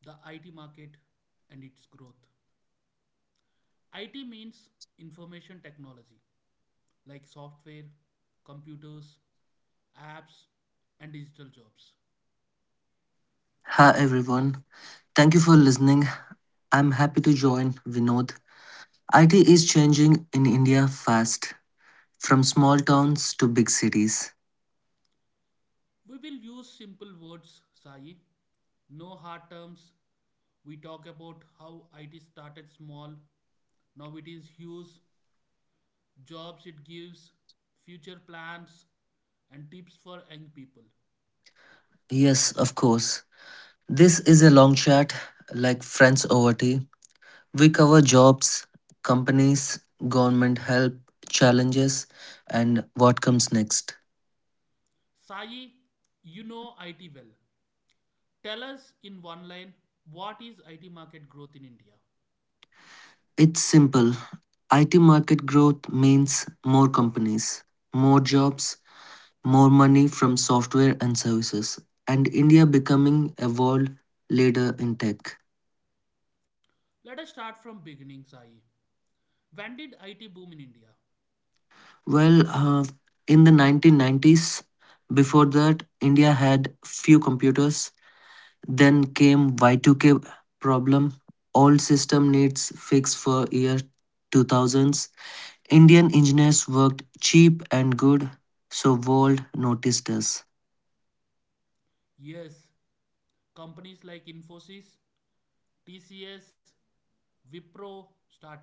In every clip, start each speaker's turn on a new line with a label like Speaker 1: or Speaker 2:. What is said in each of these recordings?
Speaker 1: the IT market and its growth. IT means information technology, like software, computers, apps, and digital jobs.
Speaker 2: Hi everyone. Thank you for listening. I'm happy to join Vinod. IT is changing in India fast, from small towns to big cities.
Speaker 1: We will use simple words, Sai. No hard terms. We talk about how IT started small, now it is huge jobs it gives, future plans, and tips for young people.
Speaker 2: Yes, of course. This is a long chat, like friends over tea. We cover jobs, companies, government help, challenges, and what comes next.
Speaker 1: Sai, you know IT well. Tell us in one line, what is IT market growth in India?
Speaker 2: It's simple. IT market growth means more companies, more jobs, more money from software and services, and India becoming a world leader in tech.
Speaker 1: Let us start from beginning, Sai. When did IT boom in India?
Speaker 2: Well, uh, in the 1990s, before that, India had few computers. Then came Y2K problem. All system needs fixed for year 2000s. Indian engineers worked cheap and good, so world noticed us.
Speaker 1: Yes, companies like Infosys, TCS, Wipro started.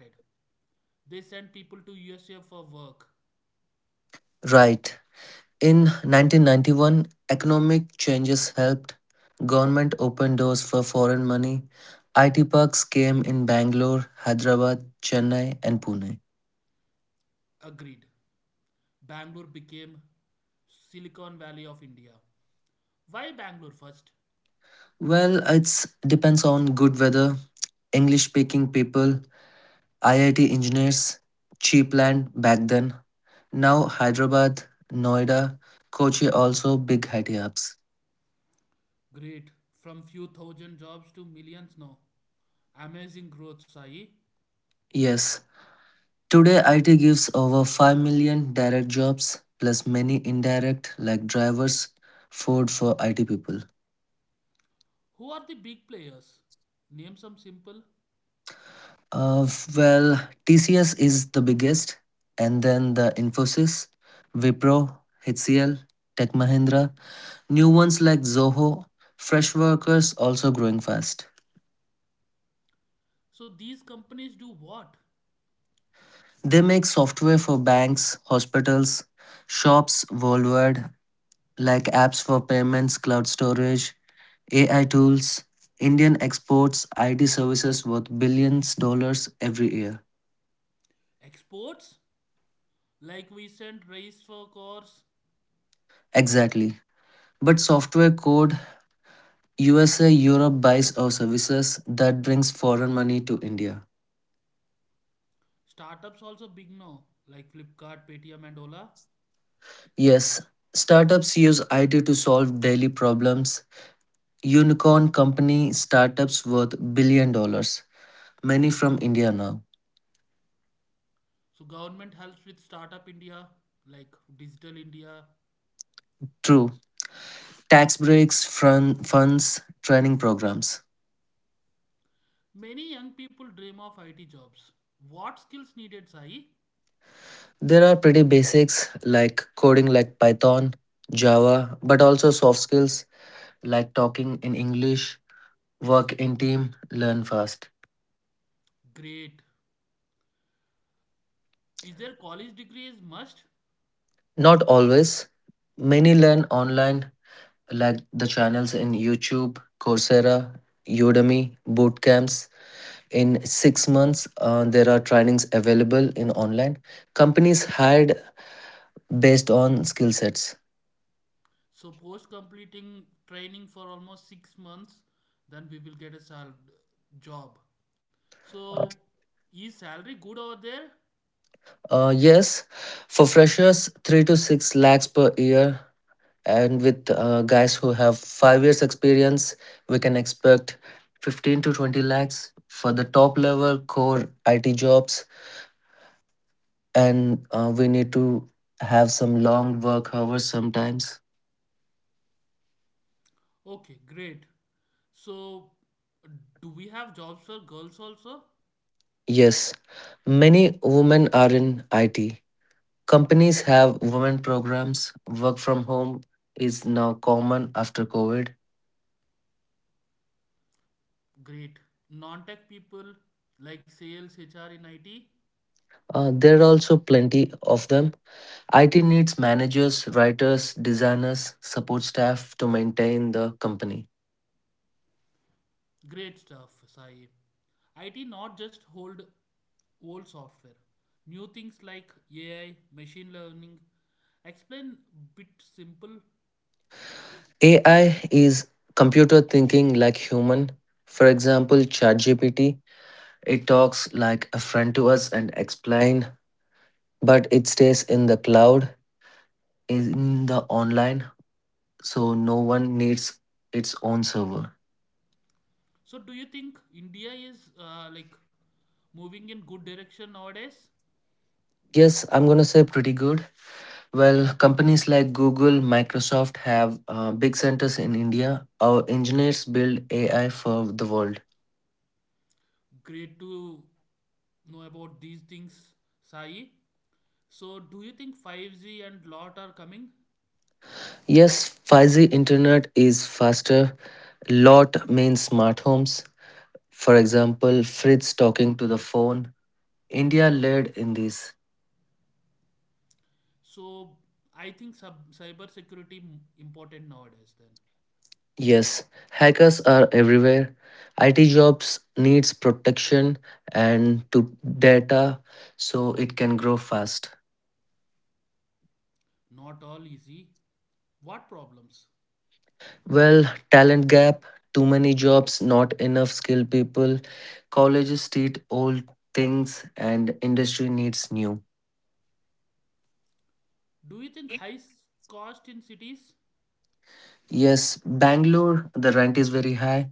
Speaker 1: They sent people to USA for work.
Speaker 2: Right. In 1991, economic changes helped. Government opened doors for foreign money. IT parks came in Bangalore, Hyderabad, Chennai, and Pune.
Speaker 1: Agreed. Bangalore became Silicon Valley of India. Why Bangalore first?
Speaker 2: Well, it depends on good weather, English speaking people, IIT engineers, cheap land back then. Now, Hyderabad, Noida, Kochi also big IT hubs.
Speaker 1: Great. From few thousand jobs to millions now. Amazing growth, Sai.
Speaker 2: Yes, today, IT gives over 5 million direct jobs, plus many indirect, like drivers, food for IT people.
Speaker 1: Who are the big players? Name some simple.
Speaker 2: Uh, well, TCS is the biggest, and then the Infosys, Wipro, HCL, Tech Mahindra, new ones like Zoho, fresh workers also growing fast.
Speaker 1: So these companies do what?
Speaker 2: They make software for banks, hospitals, shops worldwide, like apps for payments, cloud storage, AI tools. Indian exports IT services worth billions dollars every year.
Speaker 1: Exports? Like we send rice for cars.
Speaker 2: Exactly. But software code USA Europe buys our services that brings foreign money to India.
Speaker 1: Startups also big now, like Flipkart, Paytm and Ola.
Speaker 2: Yes, startups use IT to solve daily problems. Unicorn company startups worth billion dollars, many from India now.
Speaker 1: So government helps with startup India, like digital India.
Speaker 2: True. Tax breaks, fun, funds, training programs.
Speaker 1: Many young people dream of IT jobs. What skills needed, Sai?
Speaker 2: There are pretty basics like coding like Python, Java, but also soft skills like talking in English, work in team, learn fast.
Speaker 1: Great. Is there college degree is must?
Speaker 2: Not always. Many learn online like the channels in YouTube, Coursera, Udemy, boot camps. In 6 months there are trainings available in online. Companies hired based on skill sets.
Speaker 1: So post completing training for almost 6 months, then we will get a job. So is salary good over there?
Speaker 2: Yes, for freshers, 3 to 6 lakhs per year, and with guys who have 5 years experience we can expect 15 to 20 lakhs for the top level core it jobs, and we need to have some long work hours sometimes.
Speaker 1: Okay, great. So do we have jobs for girls also?
Speaker 2: Yes, many women are in it. Companies have women programs. Work from home is now common after covid.
Speaker 1: Great. Non-tech people like sales, HR in IT?
Speaker 2: There are also plenty of them. IT needs managers, writers, designers, support staff to maintain the company.
Speaker 1: Great stuff, Sai. IT not just hold old software. New things like AI, machine learning. Explain bit simple.
Speaker 2: AI is computer thinking like human. For example, ChatGPT, it talks like a friend to us and explain, but it stays in the cloud, in the online, so no one needs its own server.
Speaker 1: So do you think India is like moving in good direction nowadays?
Speaker 2: Yes, I'm gonna say pretty good. Well, companies like Google, Microsoft have big centers in India. Our engineers build AI for the world.
Speaker 1: Great to know about these things, Sai. So do you think 5G and lot are coming?
Speaker 2: Yes, 5G internet is faster. Lot means smart homes. For example, fridge talking to the phone. India led in this.
Speaker 1: So I think cyber security important nowadays then.
Speaker 2: Yes, hackers are everywhere. IT jobs needs protection and to data so it can grow fast.
Speaker 1: Not all easy. What problems?
Speaker 2: Well, talent gap, too many jobs, not enough skilled people. Colleges teach old things and industry needs new.
Speaker 1: Do you think high cost in cities?
Speaker 2: Yes, Bangalore, the rent is very high,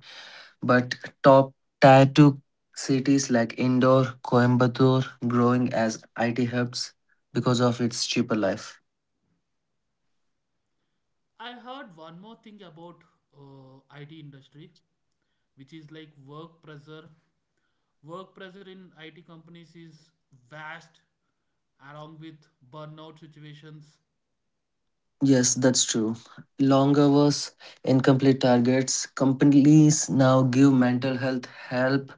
Speaker 2: but top tier two cities like Indore, Coimbatore growing as IT hubs because of its cheaper life.
Speaker 1: I heard one more thing about IT industry, which is like work pressure. Work pressure in IT companies is vast, along with burnout situations.
Speaker 2: Yes, that's true. Long hours, incomplete targets. Companies now give mental health help,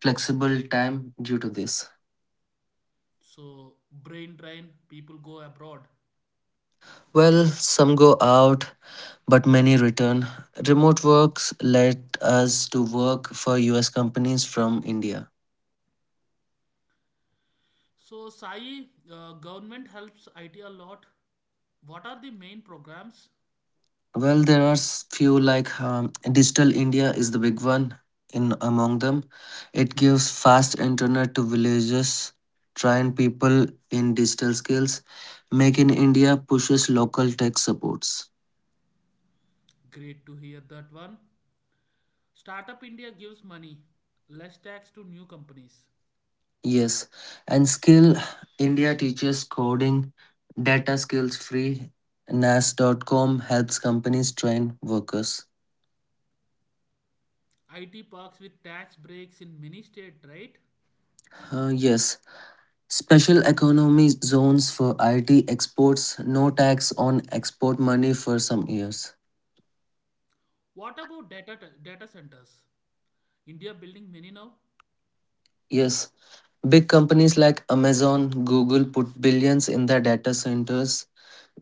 Speaker 2: flexible time due to this.
Speaker 1: So, brain drain, people go abroad.
Speaker 2: Well, some go out, but many return. Remote works let us to work for US companies from India.
Speaker 1: So, Sai, government helps IT a lot. What are the main programs?
Speaker 2: Well, there are few like Digital India is the big one in among them. It gives fast internet to villages, train people in digital skills. Make in India pushes local tech supports.
Speaker 1: Great to hear that one. Startup India gives money, less tax to new companies.
Speaker 2: Yes, and Skill India teaches coding, data skills free. nasscom.com helps companies train workers.
Speaker 1: IT parks with tax breaks in many states, right?
Speaker 2: Yes, Special economy zones for IT exports, no tax on export money for some years.
Speaker 1: What about data centers? India building many now.
Speaker 2: Yes, big companies like Amazon, Google put billions in their data centers,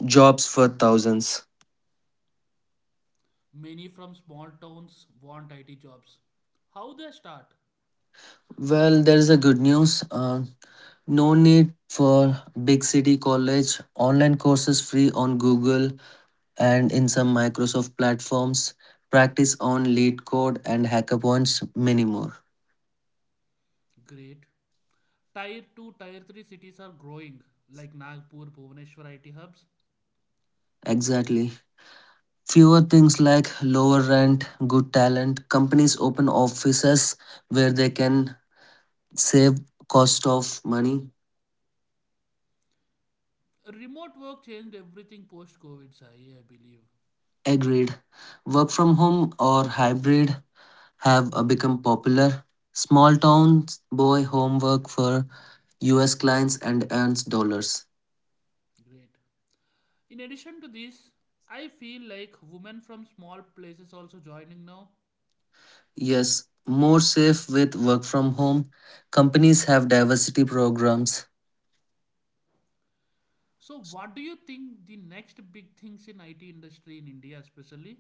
Speaker 2: jobs for thousands.
Speaker 1: Many from small towns want IT jobs. How they start?
Speaker 2: Well, there is a good news. No need for big city college, online courses free on Google and in some Microsoft platforms, practice on lead code and hackathons, many more.
Speaker 1: Great. Tier 2, Tier 3 cities are growing, like Nagpur, Bhubaneswar IT hubs.
Speaker 2: Exactly. Fewer things like lower rent, good talent, companies open offices where they can save cost of money.
Speaker 1: Remote work changed everything post COVID, Sai, I believe.
Speaker 2: Agreed. Work from home or hybrid have become popular. Small towns boy homework for US clients and earns dollars.
Speaker 1: Great. In addition to this, I feel like women from small places also joining now.
Speaker 2: Yes, more safe with work from home. Companies have diversity programs.
Speaker 1: So what do you think the next big things in IT industry in India especially?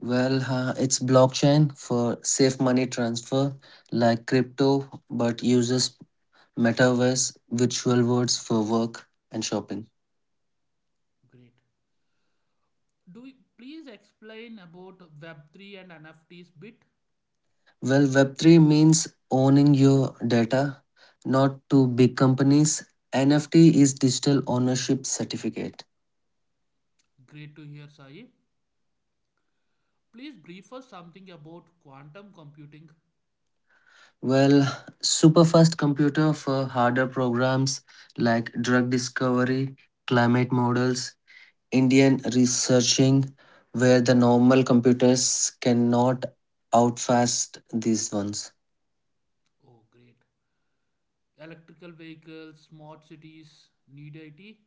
Speaker 2: It's blockchain for safe money transfer like crypto, but uses metaverse, virtual worlds for work and shopping.
Speaker 1: Great. Do you, please explain about Web3 and NFTs bit.
Speaker 2: Well, Web3 means owning your data, not to big companies. NFT is digital ownership certificate.
Speaker 1: Great to hear, Sai. Please brief us something about quantum computing.
Speaker 2: Well, superfast computer for harder programs like drug discovery, climate models, Indian researching where the normal computers cannot outfast these ones.
Speaker 1: Oh, great. Electrical vehicles, smart cities, need IT.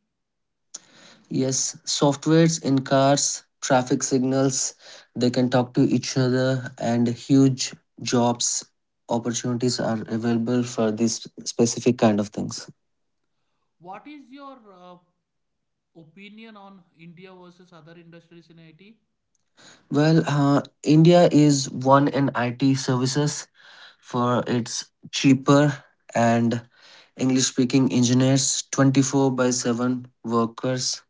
Speaker 2: Yes, softwares in cars, traffic signals, they can talk to each other, and huge jobs opportunities are available for these specific kind of things.
Speaker 1: What is your opinion on India versus other industries in IT?
Speaker 2: India is one in IT services for its cheaper and English speaking engineers, 24 by 7 workers.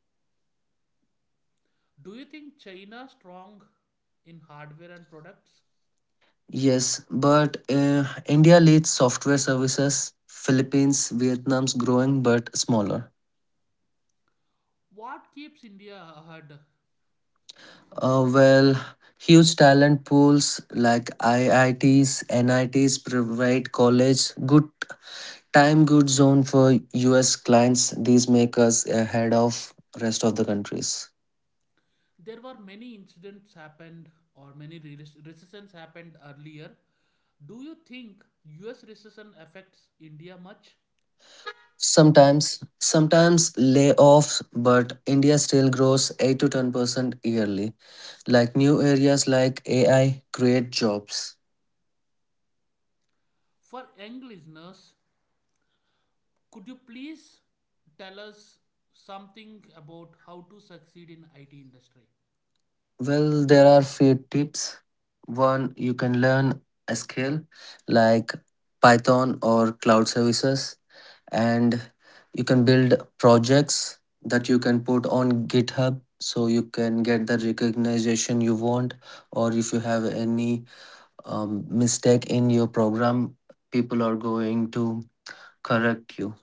Speaker 1: Do you think China strong in hardware and products?
Speaker 2: Yes, but India leads software services. Philippines, Vietnam's growing but smaller.
Speaker 1: What keeps India ahead?
Speaker 2: Uh, well, Huge talent pools like IITs, NITs provide college good time, good zone for US clients. These make us ahead of rest of the countries.
Speaker 1: There were many incidents happened or many recessions happened earlier. Do you think US recession affects India much?
Speaker 2: Sometimes, sometimes layoffs, but India still grows 8 to 10 percent yearly. Like new areas like AI create jobs.
Speaker 1: For young listeners, could you please tell us something about how to succeed in IT industry?
Speaker 2: Well, there are few tips. One, you can learn a skill like Python or cloud services, and you can build projects that you can put on GitHub so you can get the recognition you want, or if you have any mistake in your program, people are going to correct you.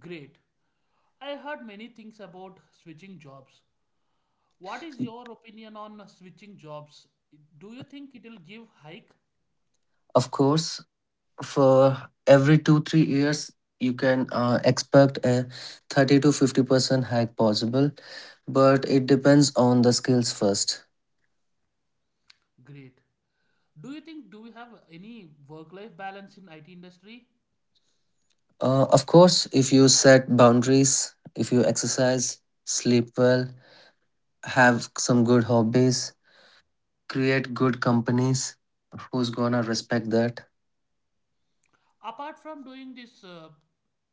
Speaker 1: Great. I heard many things about switching jobs. What is your opinion on switching jobs? Do you think it will give hike?
Speaker 2: Of course, for every 2 3 years you can expect a 30 to 50% hike possible, but it depends on the skills first.
Speaker 1: Great. Do you think do we have any work life balance in IT industry?
Speaker 2: Of course, if you set boundaries, if you exercise, sleep well, have some good hobbies, create good companies who's gonna respect that.
Speaker 1: Apart from doing this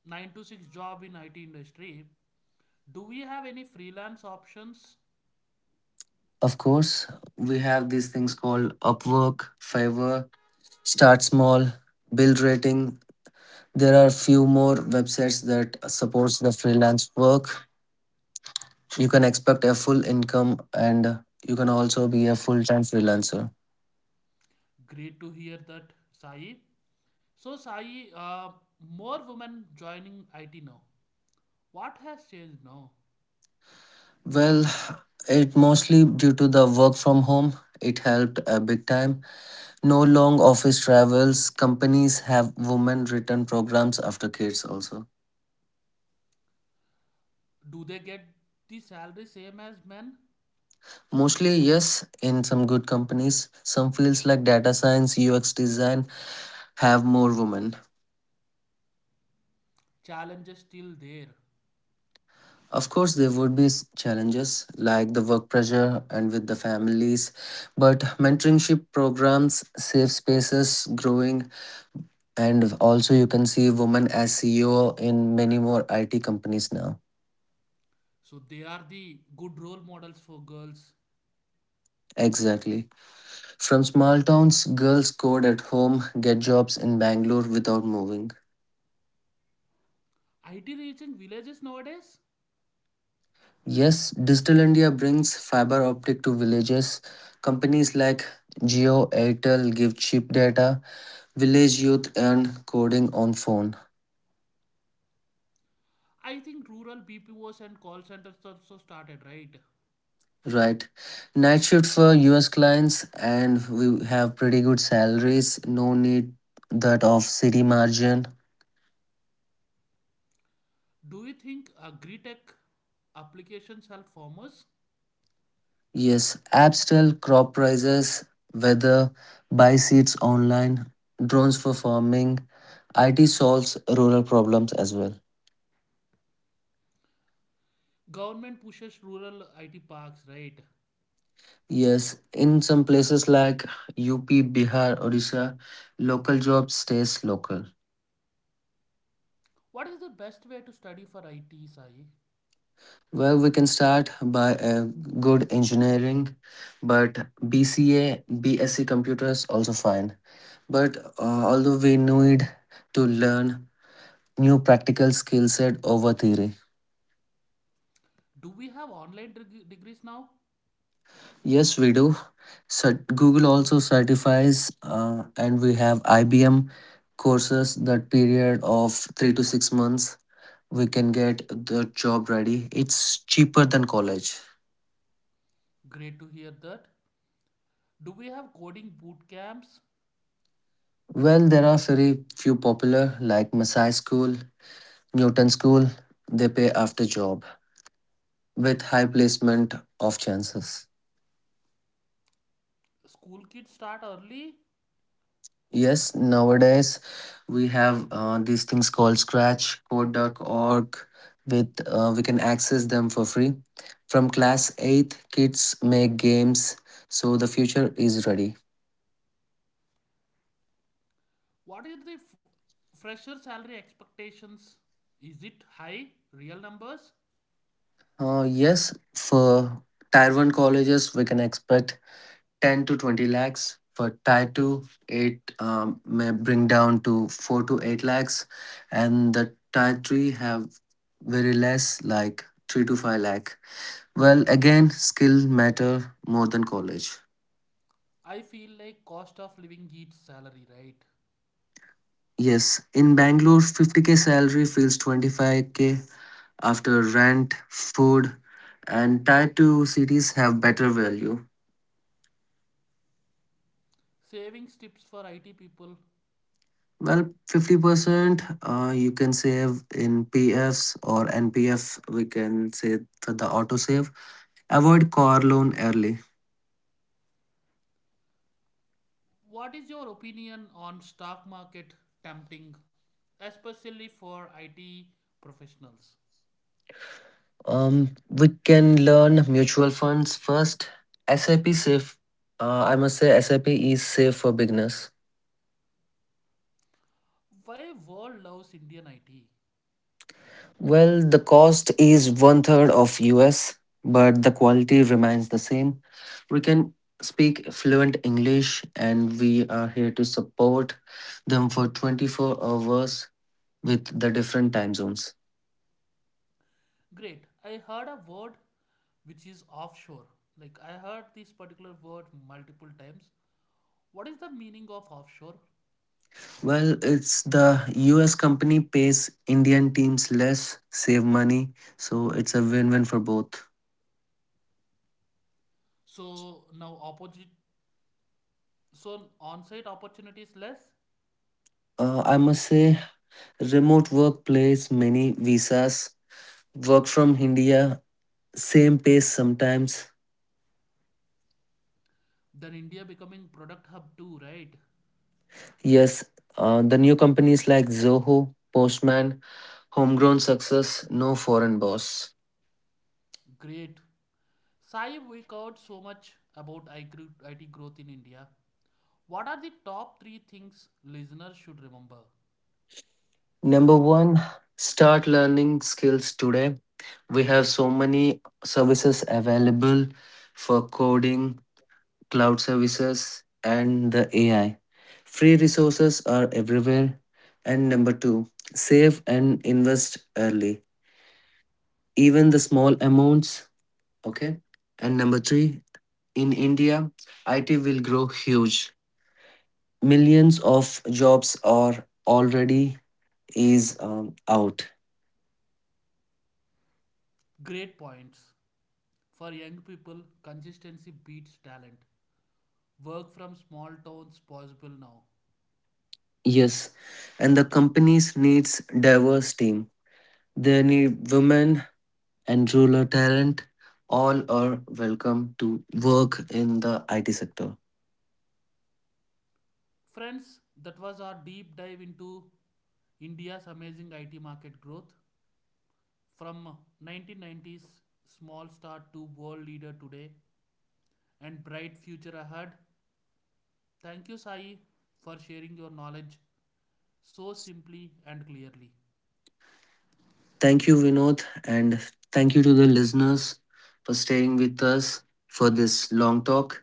Speaker 1: 9 to 6 job in IT industry, do we have any freelance options?
Speaker 2: Of course, we have these things called upwork fiverr. Start small, build rating. There are few more websites that supports the freelance work. You can expect a full income and you can also be a full-time freelancer.
Speaker 1: Great to hear that, Sai. So, Sai, more women joining IT now. What has changed now?
Speaker 2: Well, it mostly due to the work from home. It helped a big time. No long office travels. Companies have women return programs after kids also.
Speaker 1: Do they get the salary same as men?
Speaker 2: Mostly yes, in some good companies. Some fields like data science, UX design have more women.
Speaker 1: Challenge is still there.
Speaker 2: Of course, there would be challenges like the work pressure and with the families, but mentorship programs, safe spaces growing, and also you can see women as CEO in many more IT companies now.
Speaker 1: So, they are the good role models for girls.
Speaker 2: Exactly. From small towns, girls code at home, get jobs in Bangalore without moving.
Speaker 1: IT reaching villages nowadays?
Speaker 2: Yes, Digital India brings fiber optic to villages. Companies like Geo Airtel give cheap data, village youth earn coding on phone.
Speaker 1: I think rural BPOs and call centers also started, right?
Speaker 2: Right. Night shift for US clients, and we have pretty good salaries. No need that of city margin.
Speaker 1: Do you think agri tech applications help farmers?
Speaker 2: Yes, apps tell crop prices, weather, buy seeds online, drones for farming. IT solves rural problems as well.
Speaker 1: Government pushes rural IT parks, right?
Speaker 2: Yes, in some places like UP, Bihar, Odisha, local jobs stays local.
Speaker 1: What is the best way to study for IT, Sai?
Speaker 2: Well, we can start by a good engineering, but BCA, BSc computer is also fine. But although we need to learn new practical skill set over theory.
Speaker 1: Do we have online degrees now?
Speaker 2: Yes, we do. Google also certifies, and we have IBM courses that period of 3 to 6 months. We can get the job ready. It's cheaper than college.
Speaker 1: Great to hear that. Do we have coding boot camps?
Speaker 2: Well, there are very few popular like Masai School, Newton School, they pay after job with high placement of chances.
Speaker 1: School kids start early?
Speaker 2: Yes, nowadays we have these things called Scratch, code.org, with we can access them for free. From class 8, kids make games, so the future is ready.
Speaker 1: What is the fresher salary expectations? Is it high? Real numbers?
Speaker 2: Yes, for Tier 1 colleges, we can expect 10 to 20 lakhs. For Tier 2, it may bring down to 4 to 8 lakhs. And the Tier 3 have very less, like 3 to 5 lakh. Well, again, skill matter more than college.
Speaker 1: I feel like cost of living eats salary, right?
Speaker 2: Yes, in Bangalore, 50k salary feels 25k after rent, food, and Tier 2 cities have better value.
Speaker 1: Savings tips for IT people.
Speaker 2: Well, 50%, you can save in PFs or NPF, we can say for the auto save. Avoid car loan early.
Speaker 1: What is your opinion on stock market tempting, especially for IT professionals?
Speaker 2: We can learn mutual funds first. SIP safe. I must say SIP is safe for beginners.
Speaker 1: Why world loves Indian IT?
Speaker 2: Well, the cost is one third of US, but the quality remains the same. We can speak fluent English, and we are here to support them for 24 hours with the different time zones.
Speaker 1: Great. I heard a word which is offshore. Like I heard this particular word multiple times. What is the meaning of offshore?
Speaker 2: Well, it's the US company pays Indian teams less, save money, so it's a win win for both.
Speaker 1: So now opposite, so on-site opportunities less.
Speaker 2: I must say, remote workplace, many visas, work from India, same pace sometimes.
Speaker 1: Then India becoming product hub too, right?
Speaker 2: Yes, the new companies like Zoho, Postman, homegrown success, no foreign boss.
Speaker 1: Great. Sai, we covered so much about IT growth in India. What are the top three things listeners should remember?
Speaker 2: Number one, start learning skills today, we have so many services available for coding, cloud services, and the AI. Free resources are everywhere. And number two, save and invest early, even the small amounts. Okay. And number three, in India, IT will grow huge. Millions of jobs are already is out.
Speaker 1: Great points. For young people, consistency beats talent. Work from small towns possible now.
Speaker 2: Yes, and the companies needs diverse team, they need women and rural talent. All are welcome to work in the IT sector.
Speaker 1: Friends, that was our deep dive into India's amazing IT market growth from 1990s small start to world leader today and bright future ahead. Thank you Sai for sharing your knowledge so simply and clearly.
Speaker 2: Thank you, Vinod, and thank you to the listeners for staying with us for this long talk.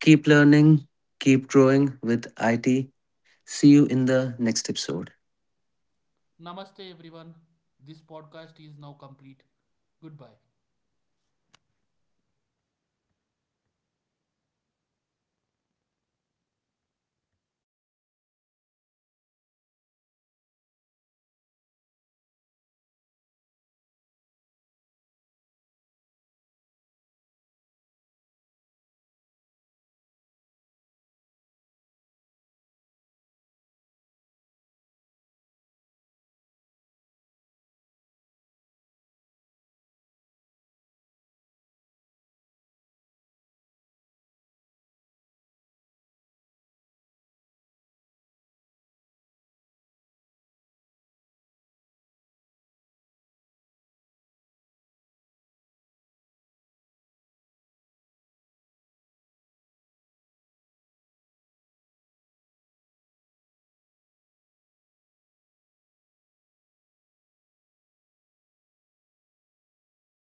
Speaker 2: Keep learning, keep growing with IT. See you in the next episode.
Speaker 1: Namaste everyone. This podcast is now complete. Goodbye.